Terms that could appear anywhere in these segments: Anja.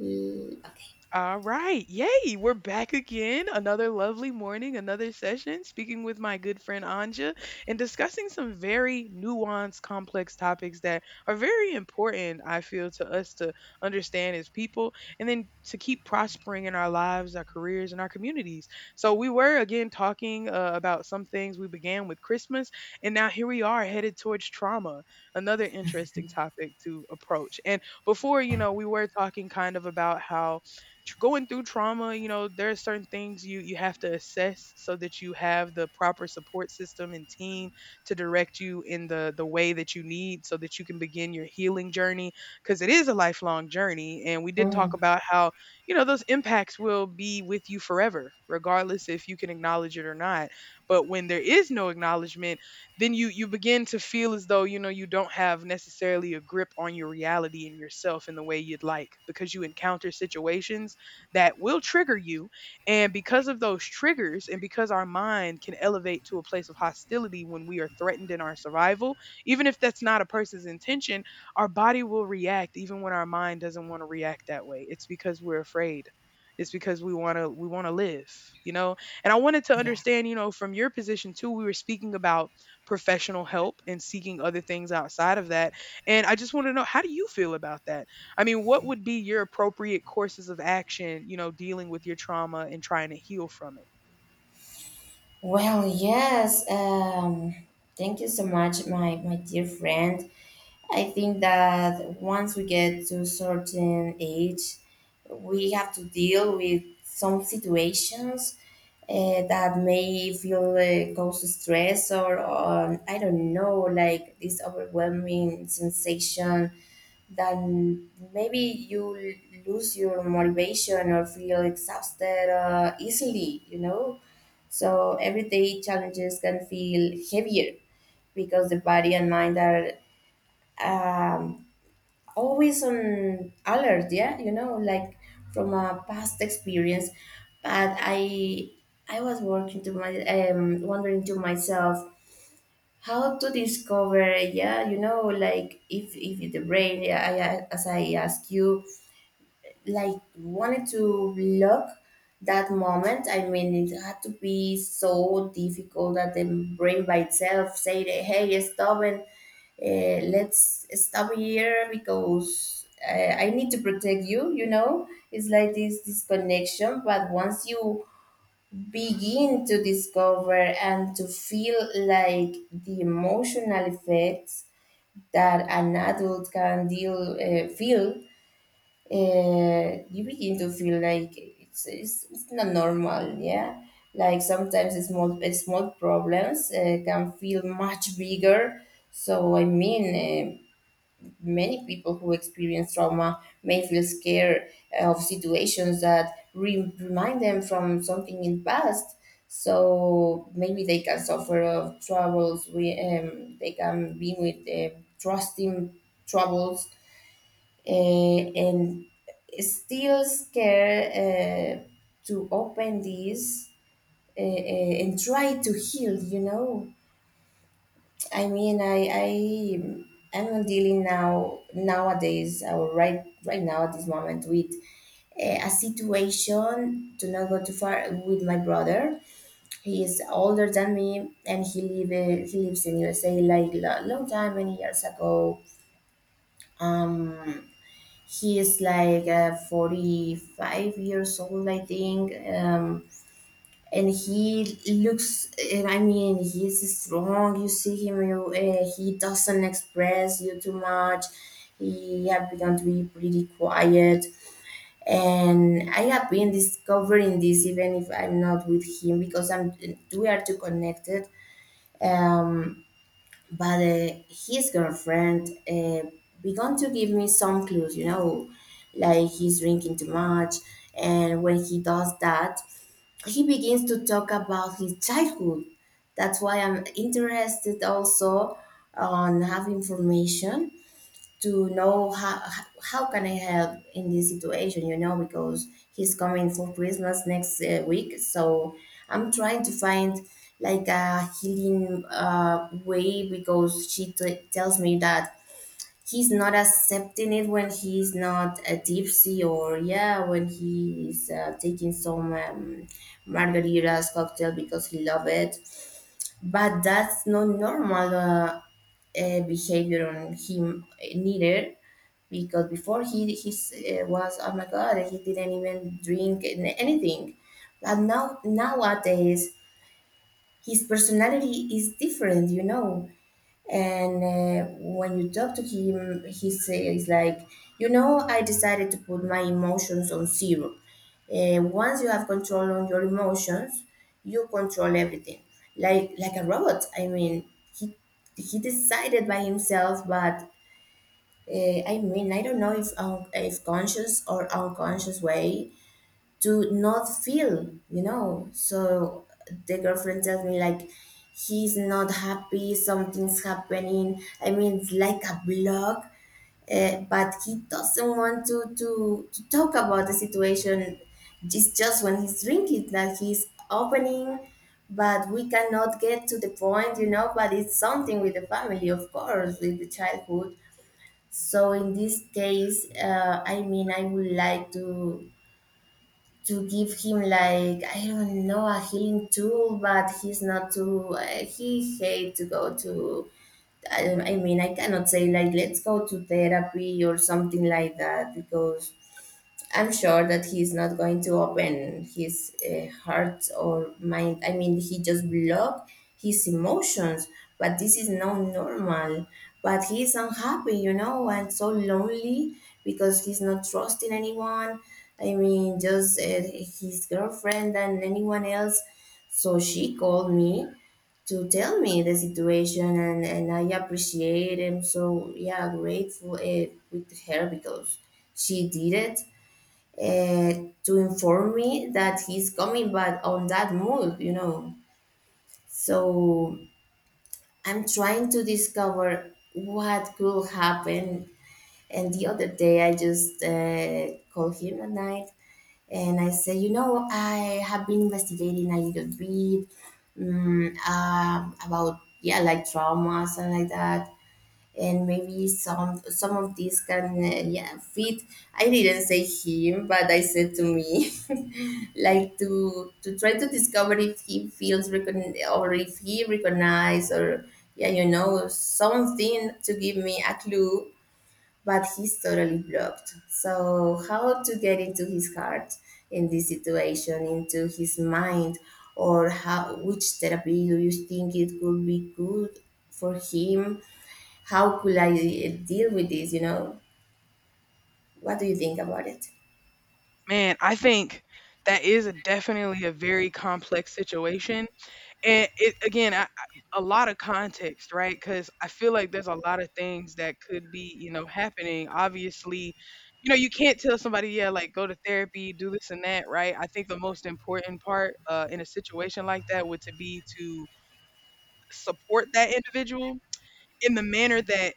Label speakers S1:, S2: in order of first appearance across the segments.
S1: Mm,
S2: All right. Yay. We're back again. Another lovely morning, another session, speaking with my good friend Anja and discussing some very nuanced, complex topics that are very important, I feel, to us to understand as people and then to keep prospering in our lives, our careers, and our communities. So, we were again talking about some things. We began with Christmas, and now here we are headed towards trauma, another interesting topic to approach. And before, you know, we were talking kind of about how going through trauma, you know, there are certain things you have to assess so that you have the proper support system and team to direct you in the way that you need so that you can begin your healing journey because it is a lifelong journey, and we did talk about how, you know, those impacts will be with you forever regardless if you can acknowledge it or not. But when there is no acknowledgement, then you begin to feel as though you know you don't have necessarily a grip on your reality and yourself in the way you'd like because you encounter situations that will trigger you. And because of those triggers, and because our mind can elevate to a place of hostility when we are threatened in our survival, even if that's not a person's intention, our body will react even when our mind doesn't want to react that way. It's because we're afraid. It's because we want to live, you know? And I wanted to
S1: yeah.
S2: understand, you know, from your position too, we were speaking about professional help and seeking other things outside of that. And I just want to know, how do you feel about that? I mean, what would be your appropriate courses of action, you know, dealing with your trauma and trying to heal from it?
S1: Well, yes. Thank you so much, my dear friend. I think that once we get to a certain age, we have to deal with some situations that may feel cause stress or I don't know, like this overwhelming sensation that maybe you lose your motivation or feel exhausted easily, you know? So everyday challenges can feel heavier because the body and mind are um, always on alert. Yeah, you know, like from a past experience. But I was working to my wondering to myself how to discover. Yeah, you know, like if the brain. Yeah, as I ask you like wanted to look that moment. I mean, it had to be so difficult that the brain by itself said, "Hey, stop and let's stop here because I need to protect you." You know, it's like this disconnection. But once you begin to discover and to feel like the emotional effects that an adult can deal feel you begin to feel like it's not normal, yeah? Like sometimes small, small problems can feel much bigger. So, I mean, many people who experience trauma may feel scared of situations that remind them from something in past. So maybe they can suffer of troubles. They can be with trusting troubles and still scared uh, to open this and try to heal i mean i i I'm dealing now nowadays or right now at this moment with a situation to not go too far with my brother. He is older than me and he lives in USA like a long time many years ago um he is like 45 years old I think, and he looks, and I mean he's strong. You see him, he doesn't express you too much. He have begun to be pretty quiet, and I have been discovering this even if I'm not with him because I'm we are too connected. um, but his girlfriend began to give me some clues, you know, like he's drinking too much. And when he does that, he begins to talk about his childhood. That's why I'm interested also on have information to know how can I help in this situation, you know, because he's coming for Christmas next week. So I'm trying to find like a healing way because she tells me that he's not accepting it when he's not a tipsy or yeah when he's taking some margaritas cocktail because he love it, but that's not normal behavior on him neither, because before he was, oh my God, he didn't even drink anything. But now nowadays his personality is different, you know. And when you talk to him, he says like, you know, I decided to put my emotions on zero. Once you have control on your emotions, you control everything, like a robot. I mean, he he decided by himself, but uh, I mean, I don't know if if conscious or unconscious way to not feel, you know. So the girlfriend tells me like he's not happy, something's happening. I mean, it's like a block, but he doesn't want to to talk about the situation. It's just when he's drinking that he's opening, but we cannot get to the point, you know. But it's something with the family, of course, with the childhood. So in this case, I mean, I would like to give him like I don't know a healing tool, but he's not too. He hate to go to. I mean, I cannot say like let's go to therapy or something like that because I'm sure that he's not going to open his heart or mind. I mean, he just block his emotions. But this is not normal. But he's unhappy, you know, and so lonely because he's not trusting anyone. I mean, just his girlfriend and anyone else. So she called me to tell me the situation, and I appreciate him. So yeah, grateful with her because she did it uh, to inform me that he's coming but on that mood, you know. So I'm trying to discover what could happen. And the other day I just called him at night and I said, you know, I have been investigating a little bit, about yeah like traumas and like that, and maybe some of these can yeah fit. I didn't say him, but I said to me like to try to discover if he feels or if he recognized or yeah, you know, something to give me a clue. But he's totally blocked. So how to get into his heart in this situation, into his mind, or how, which therapy do you think it could be good for him? How could I deal with this, you know? What do you think about it?
S2: Man, I think that is a definitely a very complex situation. And it again, a lot of context, right? Because I feel like there's a lot of things that could be, you know, happening. Obviously, you know, you can't tell somebody, yeah, like go to therapy, do this and that, right? I think the most important part in a situation like that would to be to support that individual in the manner that,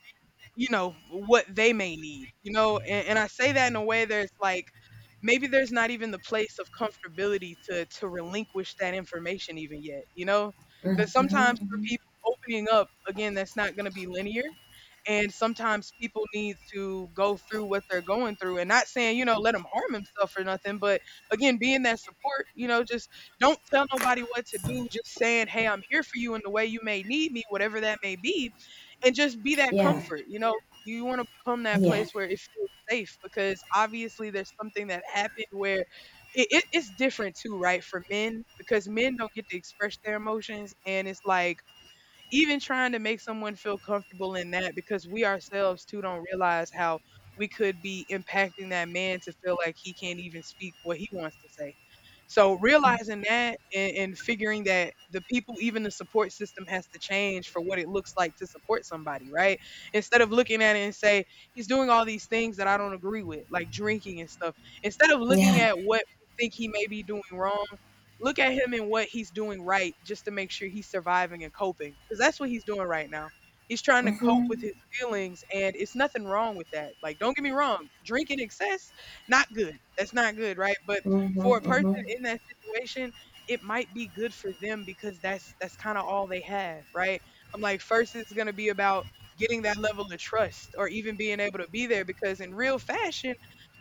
S2: you know, what they may need, you know? And I say that in a way that's like, maybe there's not even the place of comfortability to relinquish that information even yet, you know? Because sometimes for people opening up, again, that's not going to be linear. And sometimes people need to go through what they're going through and not saying, you know, let them harm himself or nothing. But again, being that support, you know, just don't tell nobody what to do. Just saying, hey, I'm here for you in the way you may need me, whatever that may be, and just be that
S1: Yeah,
S2: comfort, you know? You want to become that
S1: yeah,
S2: place where it feels safe because obviously there's something that happened where it's different too, right? For men, because men don't get to express their emotions. And it's like, even trying to make someone feel comfortable in that because we ourselves too don't realize how we could be impacting that man to feel like he can't even speak what he wants to say. So realizing that, and figuring that the people, even the support system, has to change for what it looks like to support somebody, right? Instead of looking at it and say, he's doing all these things that I don't agree with, like drinking and stuff. Instead of
S1: yeah.
S2: looking at what we think he may be doing wrong, look at him and what he's doing right just to make sure he's surviving and coping, because that's what he's doing right now. He's trying to cope with
S1: Mm-hmm.
S2: his feelings, and it's nothing wrong with that. Like, don't get me wrong, drink in excess, not good. That's not good, right? But for a person
S1: Mm-hmm.
S2: in that situation, it might be good for them because that's kind of all they have, right? I'm like, first, it's gonna be about getting that level of trust or even being able to be there because in real fashion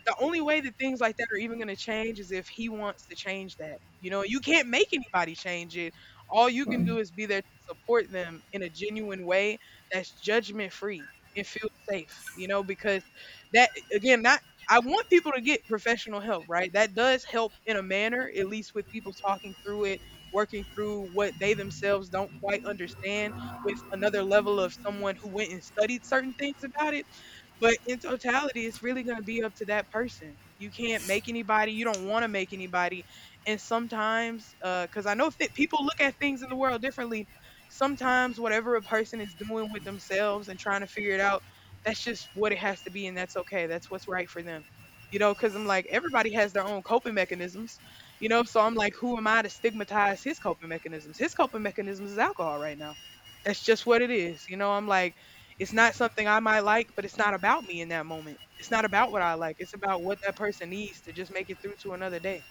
S2: the only way that things like that are even gonna change is if he wants to change that. You know, you can't make anybody change it. All you can do is be there to support them in a genuine way that's judgment free and feels safe, you know, because that again, not I want people to get professional help, right? That does help in a manner, at least with people talking through it, working through what they themselves don't quite understand with another level of someone who went and studied certain things about it. But in totality, it's really going to be up to that person. You can't make anybody. You don't want to make anybody. And sometimes, because I know fit people look at things in the world differently. Sometimes, whatever a person is doing with themselves and trying to figure it out, that's just what it has to be, and that's okay. That's what's right for them. You know, because I'm like, everybody has their own coping mechanisms, you know? So I'm like, who am I to stigmatize his coping mechanisms? His coping mechanisms is alcohol right now. That's just what it is. You know, I'm like, it's not something I might like, but it's not about me in that moment. It's not about what I like. It's about what that person needs to just make it through to another day.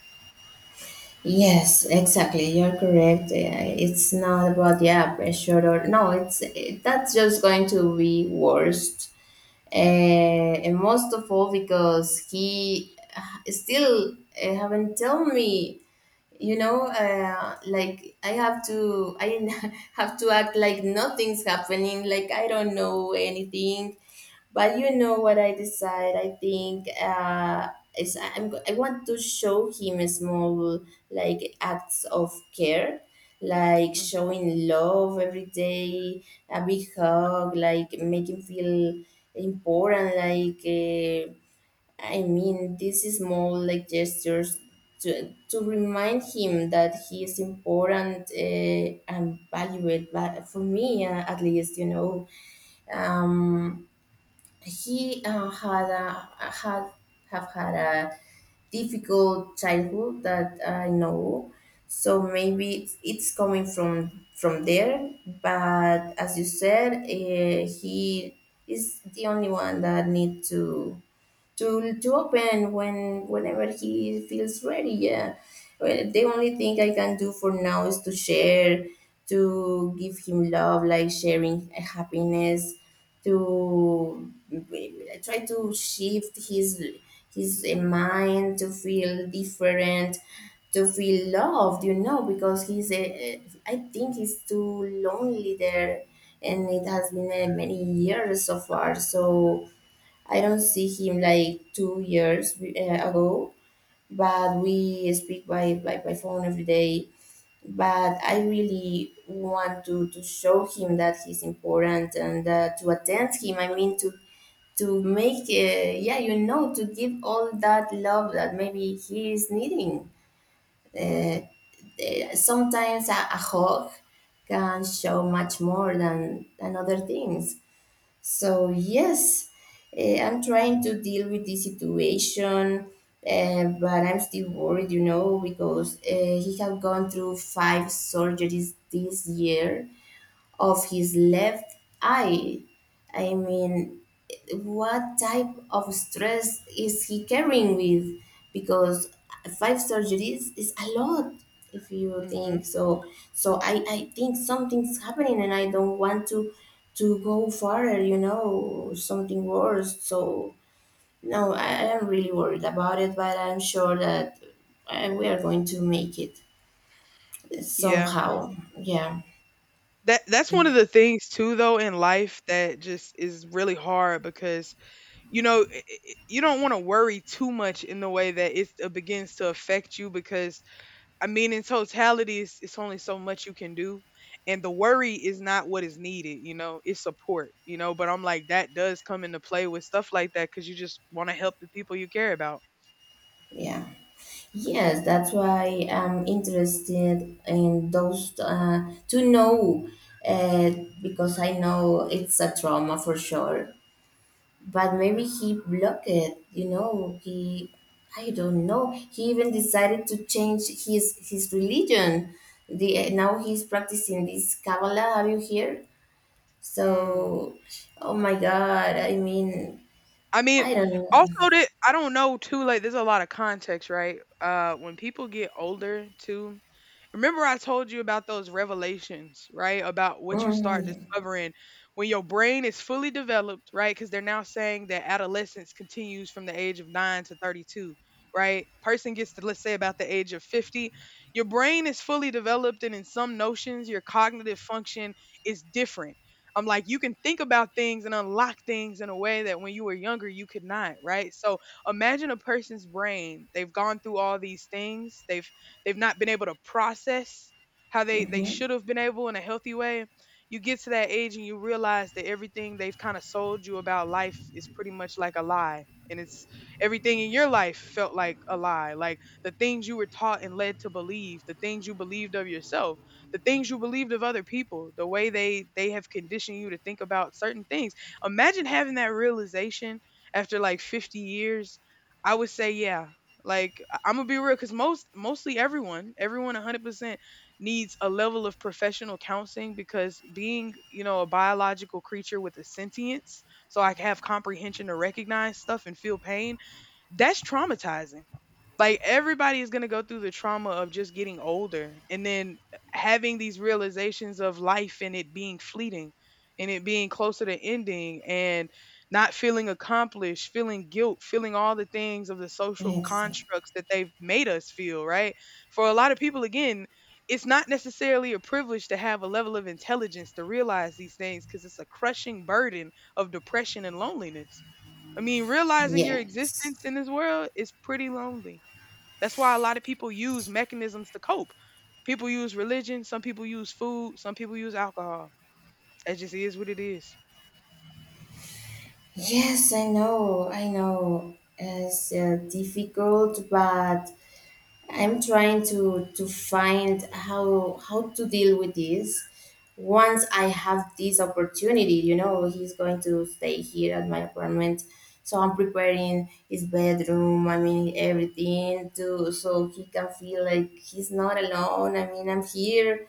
S1: Yes, exactly. You're correct. Yeah, it's not about yeah pressure or no. It's that's just going to be worst, and most of all because he still haven't told me, you know, like I have to I have to act like nothing's happening, like I don't know anything. But you know what I decide, I think, is I want to show him small like acts of care, like
S2: Mhm,
S1: showing love every day, a big hug, like make him feel important, like I mean, these small like gestures to remind him that he is important and valued. But for me, at least, you know, um, he had a, had have had a difficult childhood that I know, so maybe it's coming from there. But as you said, he is the only one that need to open when whenever he feels ready. Yeah, well, the only thing I can do for now is to share, to give him love, like sharing happiness,
S2: mhm,
S1: to try to shift his mind to feel different, to feel loved, you know, because I think he's too lonely there, and it has been many years so far. So I don't see him like 2 years ago, but we speak by phone every day. But I really want to show him that he's important and to attend him. I mean, to make, yeah, you know, to give all that love that maybe he is needing. Uh,
S2: mhm,
S1: Sometimes a hug can show much more than other things. So, yes, I'm trying to deal with this situation, but I'm still worried, you know, because he have gone through five surgeries this year of his left eye. I mean, what type of stress is he carrying with? Because five surgeries is a lot if you
S2: mhm.
S1: think so. So I think something's happening and I don't want to go further, you know, something worse. So no, I am really worried about it, but I'm sure that we are going to make it
S2: Yeah.
S1: somehow. Yeah,
S2: That that's one of the things too though in life that just is really hard because you know i- i- you don't want to worry too much in the way that it's- it begins to affect you because I mean, in totality, it's only so much you can do. And the worry is not what is needed, you know, it's support, you know. But I'm like, that does come into play with stuff like that because you just want to help the people you care about.
S1: yeah. Yes, that's why I'm interested in those to know uh, because I know it's a trauma for sure. But maybe
S2: Mm.
S1: he blocked it, you know. I don't know. He even decided to change his religion. The now he's practicing this Kabbalah. Have you heard?
S2: Mm.
S1: So, oh my God! I mean,
S2: I mean,
S1: I don't know.
S2: also that I don't know too. Like, there's a lot of context, right? When people get older, too, remember I told you about those revelations, right? About what you start
S1: Mm,
S2: discovering when your brain is fully developed, right? Because they're now saying that adolescence continues from the age of 9 to 32, right? Person gets to, let's say, about the age of 50. Your brain is fully developed, and in some notions, your cognitive function is different. I'm like, you can think about things and unlock things in a way that when you were younger, you could not, right? So imagine a person's brain. They've gone through all these things. They've not been able to process how they
S1: mhm.
S2: should have been able in a healthy way. You get to that age and you realize that everything they've kind of sold you about life is pretty much like a lie, and it's everything in your life felt like a lie, like the things you were taught and led to believe, the things you believed of yourself, the things you believed of other people, the way they have conditioned you to think about certain things. Imagine having that realization after like 50 years. I would say, yeah, like I'm gonna be real, because mostly everyone, everyone 100% needs a level of professional counseling because being, you know, a biological creature with a sentience, so I can have comprehension to recognize stuff and feel pain, that's traumatizing. Like everybody is going to go through the trauma of just getting older and then having these realizations of life and it being fleeting and it being closer to ending and not feeling accomplished, feeling guilt, feeling all the things of the social
S1: Exactly.
S2: constructs that they've made us feel, right? For a lot of people again, it's not necessarily a privilege to have a level of intelligence to realize these things because it's a crushing burden of depression and loneliness. I mean, realizing your
S1: Yes.
S2: existence in this world is pretty lonely. That's why a lot of people use mechanisms to cope. People use religion, some people use food, some people use alcohol. It just is what it is.
S1: Yes, I know, I know. It's difficult, but I'm trying to find how to deal with this. Once I have this opportunity, you know, he's going to stay here at my apartment, so I'm preparing his bedroom. I mean, everything to so he can feel like he's not alone. I mean, I'm here,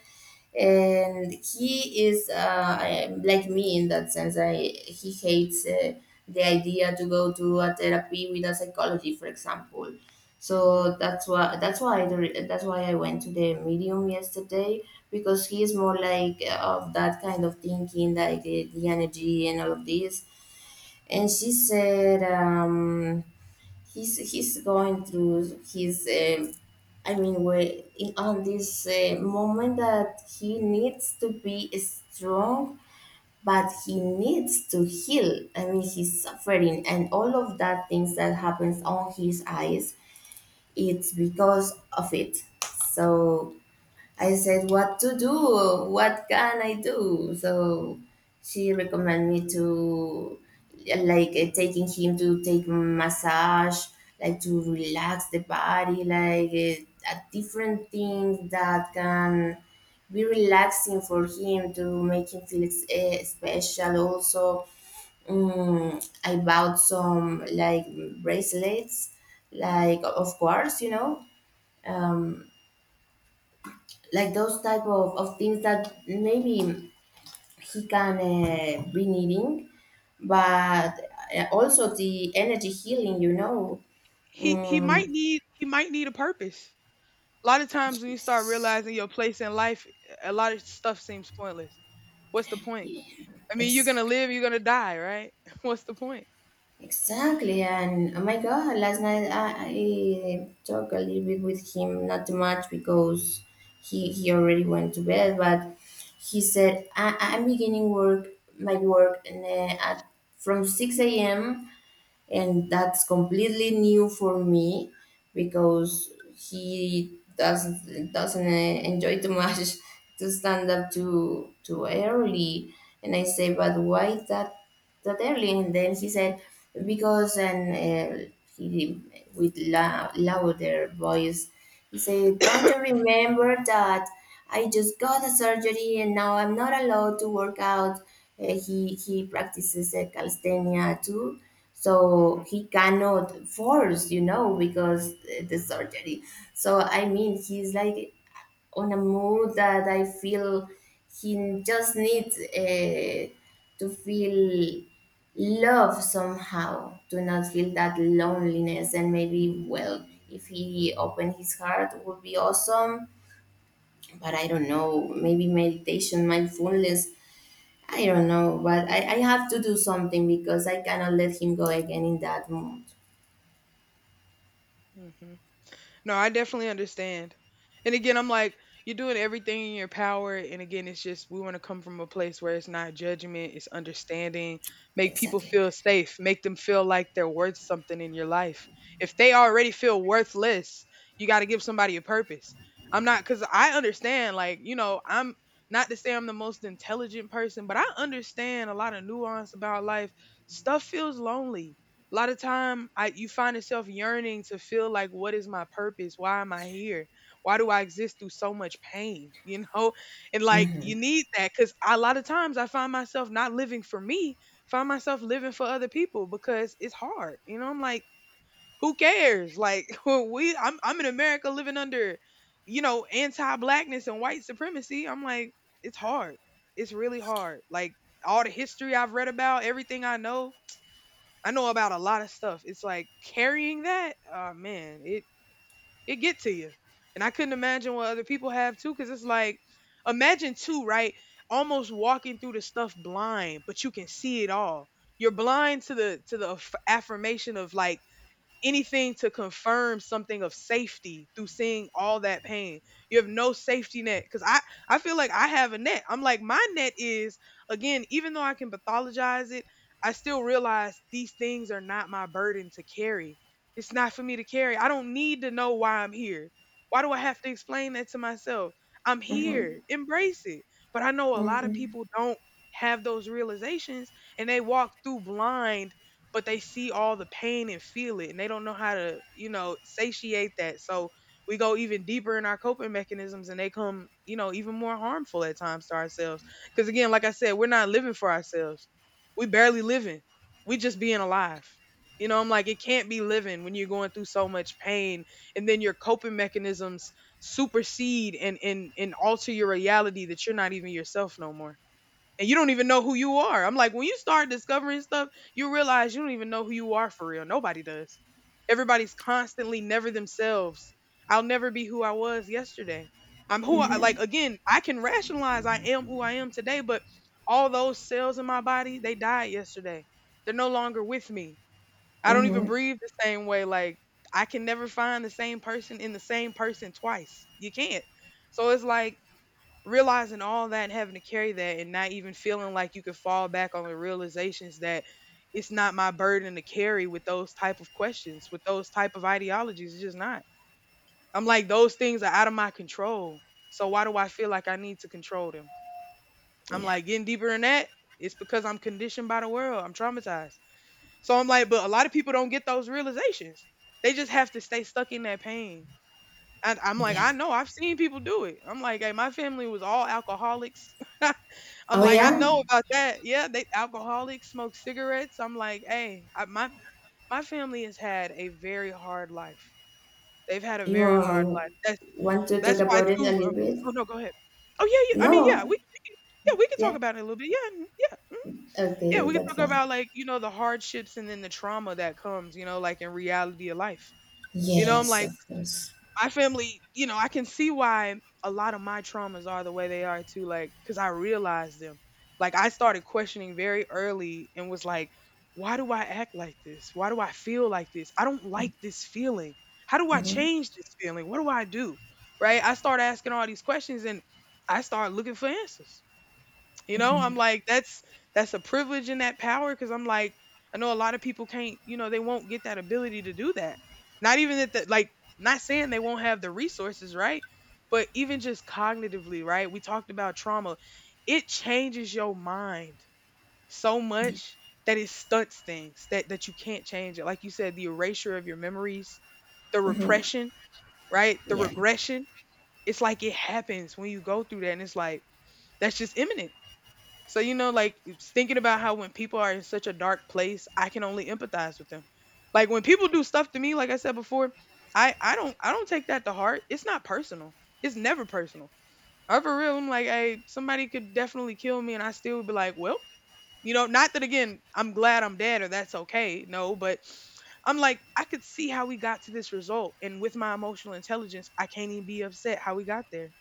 S1: and he is like me in that sense. I He hates the idea to go to a therapy with a psychology, for example.
S2: Mhm.
S1: So that's why I went to the medium yesterday because he is more like of that kind of thinking, like the energy and all of this. And she said. He's going through his I mean we in, on this moment that he needs to be strong, but he needs to heal. I mean he's suffering and all of that things that happens on his eyes, it's because of it. So I said, what to do? What can I do? So she recommended me to taking him to take massage, like to relax the body, a different things that can be relaxing for him to make him feel special. Also, I bought some like bracelets, like of course, um like those type of things that maybe he can be needing but also the energy healing
S2: He
S1: mm,
S2: might need, he might need a purpose. A lot of times when you start
S1: yes.
S2: realizing your place in life, a lot of stuff seems pointless. What's the point?
S1: Yeah.
S2: I mean, you're gonna
S1: Exactly.
S2: live, you're gonna die, right? What's the point?
S1: Exactly, and oh my god, last night I talked a little bit with him, not too much because he already went to bed. But he said, I'm beginning work my work from 6 a.m., and that's completely new for me, because he doesn't enjoy too much to stand up too early. And I say, but why that that early? And then he said, because and he with louder voice, he said, don't you remember that I just got a surgery and now I'm not allowed to work out? He practices calisthenia too, so
S2: Hmm.
S1: he cannot force, you know, because the surgery. So I mean, he's like on a mood that I feel he just needs to feel love somehow, to not feel that loneliness. And maybe, well, if he opened his heart, would be awesome. But I don't know, maybe meditation, mindfulness. I don't know, but I have to do something because I cannot let him go again in that mood.
S2: Hmm. No, I definitely understand. And again, I'm like, you're doing everything in your power. And again, it's just we want to come from a place where it's not judgment, it's understanding. Make people
S1: Exactly.
S2: feel safe, make them feel like they're worth something in your life. If they already feel worthless, you got to give somebody a purpose. I'm not, because I understand, like, you know, I'm not to say I'm the most intelligent person, but I understand a lot of nuance about life. Stuff feels lonely a lot of time I you find yourself yearning to feel like, what is my purpose? Why am I here? Why do I exist through so much pain? You know? And like,
S1: Mm-hmm.
S2: you need that, cuz a lot of times I find myself not living for me, find myself living for other people because it's hard. You know, I'm like, who cares? Like we I'm in America living under, you know, anti-blackness and white supremacy. I'm like, it's hard. It's really hard. Like all the history I've read about, everything I know about a lot of stuff. It's like carrying that, oh man, it get to you. And I couldn't imagine what other people have too, because it's like, imagine too, right? Almost walking through the stuff blind, but you can see it all. You're blind to the affirmation of like anything to confirm something of safety through seeing all that pain. You have no safety net, cuz I feel like I have a net. I'm like, my net is, again, even though I can pathologize it, I still realize these things are not my burden to carry. It's not for me to carry. I don't need to know why I'm here. Why do I have to explain that to myself? I'm
S1: Mm-hmm.
S2: here. Embrace it. But I know a lot of
S1: Mm-hmm.
S2: people don't have those realizations, and they walk through blind, but they see all the pain and feel it, and they don't know how to, you know, satiate that. So we go even deeper in our coping mechanisms, and they come, you know, even more harmful at times to ourselves. Cause again, like I said, we're not living for ourselves. We barely living. We just being alive. You know, I'm like, it can't be living when you're going through so much pain, and then your coping mechanisms supersede and and alter your reality, that you're not even yourself no more and you don't even know who you are. I'm like, when you start discovering stuff, you realize you don't even know who you are for real. Nobody does. Everybody's constantly never themselves. I'll never be who I was yesterday. I'm who I,
S1: Mm-hmm.
S2: like, again, I can rationalize, I am who I am today, but all those cells in my body, they died yesterday. They're no longer with me. I don't even
S1: Mm-hmm.
S2: breathe the same way. Like, I can never find the same person in the same person twice. You can't. So it's like realizing all that and having to carry that and not even feeling like you could fall back on the realizations that it's not my burden to carry, with those type of questions, with those type of ideologies. It's just not. I'm like, those things are out of my control, so why do I feel like I need to control them? I'm
S1: Yeah.
S2: like, getting deeper in that, it's because I'm conditioned by the world, I'm traumatized. So I'm like, but a lot of people don't get those realizations, they just have to stay stuck in that pain. And I'm like,
S1: Yeah.
S2: I know, I've seen people do it. I'm like, hey, my family was all alcoholics. I'm
S1: Oh,
S2: like, I
S1: yeah?
S2: know about that. Yeah, they alcoholics, smoke cigarettes. I'm like, hey, I, my family has had a very hard life. They've had a
S1: You
S2: very hard life.
S1: want to talk
S2: That's why
S1: about it a
S2: too.
S1: little
S2: Oh
S1: bit?
S2: no, go ahead. Oh yeah, yeah. I mean,
S1: No.
S2: yeah, we can, yeah, we can talk
S1: Yeah.
S2: about it a little bit. Yeah, mm, yeah, mm, yeah.
S1: Okay,
S2: We can
S1: that's
S2: talk
S1: fine.
S2: about, like, you know, the hardships and then the trauma that comes. You know, like in reality of life. You know, I'm
S1: Yes,
S2: like,
S1: of course.
S2: my family, you know, I can see why a lot of my traumas are the way they are too, like, because I realized them. Like, I started questioning very early and was like, why do I act like this? Why do I feel like this? I don't like this feeling. How do I
S1: Mm-hmm.
S2: change this feeling? What do I do? Right? I start asking all these questions and I start looking for answers. You know, I'm
S1: Mm-hmm.
S2: like, that's a privilege and that power. Because I'm like, I know a lot of people can't, you know, they won't get that ability to do that. Not even that, the, like, not saying they won't have the resources, right? But even just cognitively, right? We talked about trauma. It changes your mind so
S1: Yeah.
S2: much that it stunts things, that you can't change it. Like you said, the erasure of your memories, the
S1: Mm-hmm.
S2: repression, right? The
S1: Yeah.
S2: regression. It's like, it happens when you go through that, and it's like that's just imminent. So you know, like, it's thinking about how when people are in such a dark place, I can only empathize with them. Like when people do stuff to me, like I said before, I don't take that to heart. It's not personal. It's never personal. I, for real, I'm like, hey, somebody could definitely kill me, and I still would be like, well, you know, not that again. I'm glad I'm dead, or that's okay. No, but I'm like, I could see how we got to this result, and with my emotional intelligence, I can't even be upset how we got there.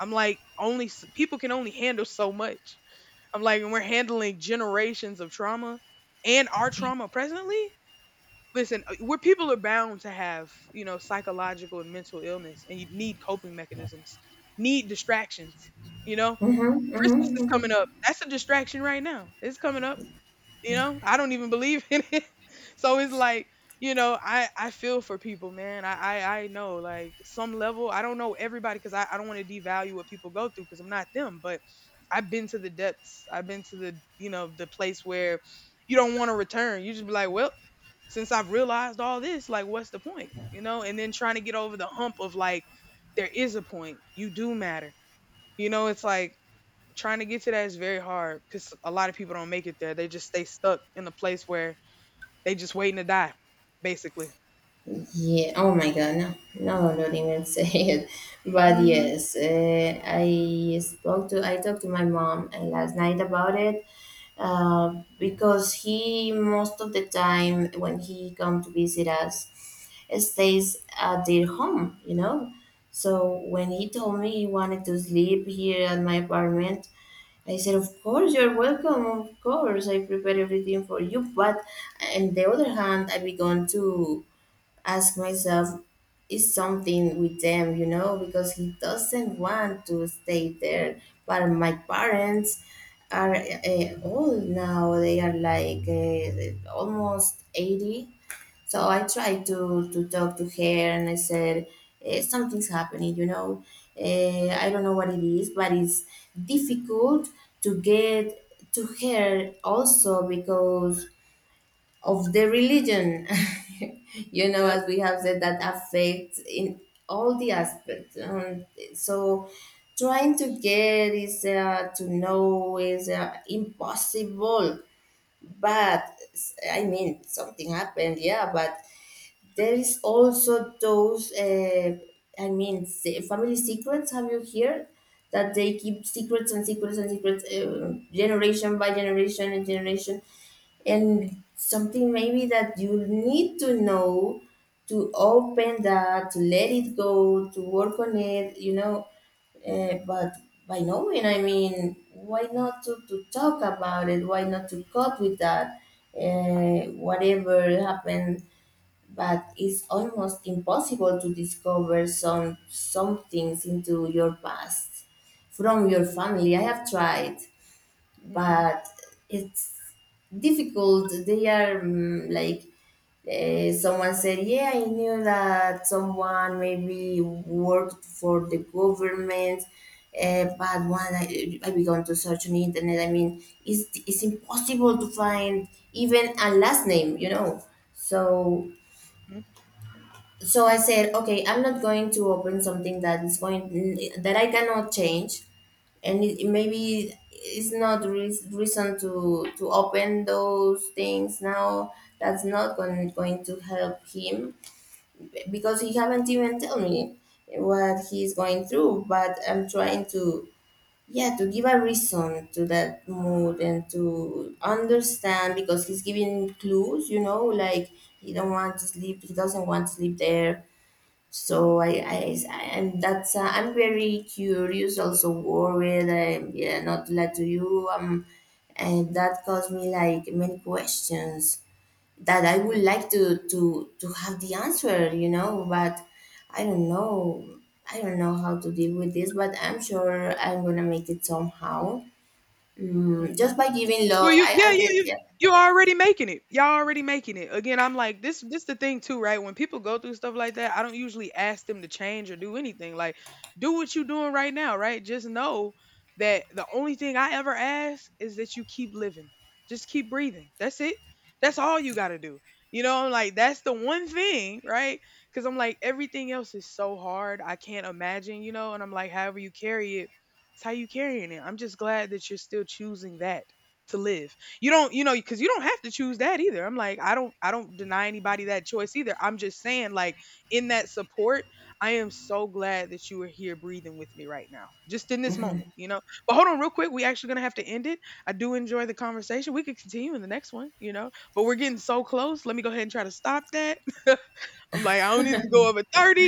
S2: I'm like, only people can only handle so much. I'm like, and we're handling generations of trauma and our trauma presently. Listen, where people are bound to have, you know, psychological and mental illness and you need coping mechanisms, need distractions, you know?
S1: Mm-hmm.
S2: Christmas
S1: Mm-hmm.
S2: is coming
S1: Mm-hmm.
S2: up. That's a distraction right now. It's coming up. You know, I don't even believe in it. So it's like, you know, I feel for people, man. I know like some level. I don't know everybody because I don't want to devalue what people go through because I'm not them. But I've been to the depths. I've been to the, you know, the place where you don't want to return. You just be like, well, since I've realized all this, like, what's the point? You know, and then trying to get over the hump of like, there is a point. You do matter. You know, it's like trying to get to that is very hard because a lot of people don't make it there. They just stay stuck in a place where they just waiting to die, basically.
S1: Yeah. Oh my God. No, no, don't even say it. But
S2: Mm-hmm.
S1: yes, I talked to my mom last night about it, because he, most of the time when he come to visit us, stays at their home. You know, so when he told me he wanted to sleep here at my apartment, I said, of course, you're welcome. Of course, I prepare everything for you. But on the other hand, I began to ask myself, is something with them, you know, because he doesn't want to stay there. But my parents are old now, they are like almost 80. So I tried to talk to her and I said, something's happening, you know. I don't know what it is, but it's difficult to get to her also because of the religion you know,
S2: Yep.
S1: as we have said that affects in all the aspects, so trying to get is to know is impossible. But I mean, something happened, yeah. But there is also those, I mean, family secrets. Have you heard that they keep secrets and secrets and secrets, generation by generation and generation, and something maybe that you need to know to open that, to let it go, to work on it, you know. But by knowing, I mean, why not to talk about it? Why not to cope with that? Whatever happened. But it's almost impossible to discover some things into your past from your family. I have tried,
S2: Mm-hmm.
S1: but it's difficult. They are mm, like someone said, yeah, I knew that someone maybe worked for the government. But when I began to search on the internet, I mean, it's impossible to find even a last name, you know. So so I said, okay, I'm not going to open something that is going, that I cannot change. And it, maybe it's not reason to open those things now, that's not going to help him, because he haven't even tell me what he's going through. But I'm trying to, yeah, to give a reason to that mood and to understand, because he's giving clues, you know, like, he doesn't want to sleep there. So, I, and that's I'm very curious, also worried. I'm yeah, not like to you, um, and that caused me like many questions that I would
S2: Mm-hmm.
S1: like to have the answer, you know. But I don't know, I don't know how to deal with this, but I'm sure I'm gonna make it somehow, mm,
S2: Mm-hmm.
S1: just by giving
S2: Well,
S1: love.
S2: you,
S1: I
S2: yeah, yeah, you
S1: did,
S2: you
S1: yeah.
S2: you're already making it. Y'all already making it. Again, I'm like, this. This the thing too, right? When people go through stuff like that, I don't usually ask them to change or do anything. Like, do what you're doing right now, right? Just know that the only thing I ever ask is that you keep living. Just keep breathing. That's it. That's all you got to do. You know, I'm like, that's the one thing, right? Because I'm like, everything else is so hard. I can't imagine, you know. And I'm like, however you carry it, it's how you carrying it. I'm just glad that you're still choosing that to live. You don't, you know, because you don't have to choose that either. I'm like, I don't deny anybody that choice either. I'm just saying, like, in that support, I am so glad that you are here breathing with me right now, just in this
S1: Mm-hmm.
S2: moment, you know. But hold on, real quick, we actually gonna have to end it. I do enjoy the conversation. We could continue in the next one, you know. But we're getting so close. Let me go ahead and try to stop that. I'm like, I don't need to go over 30.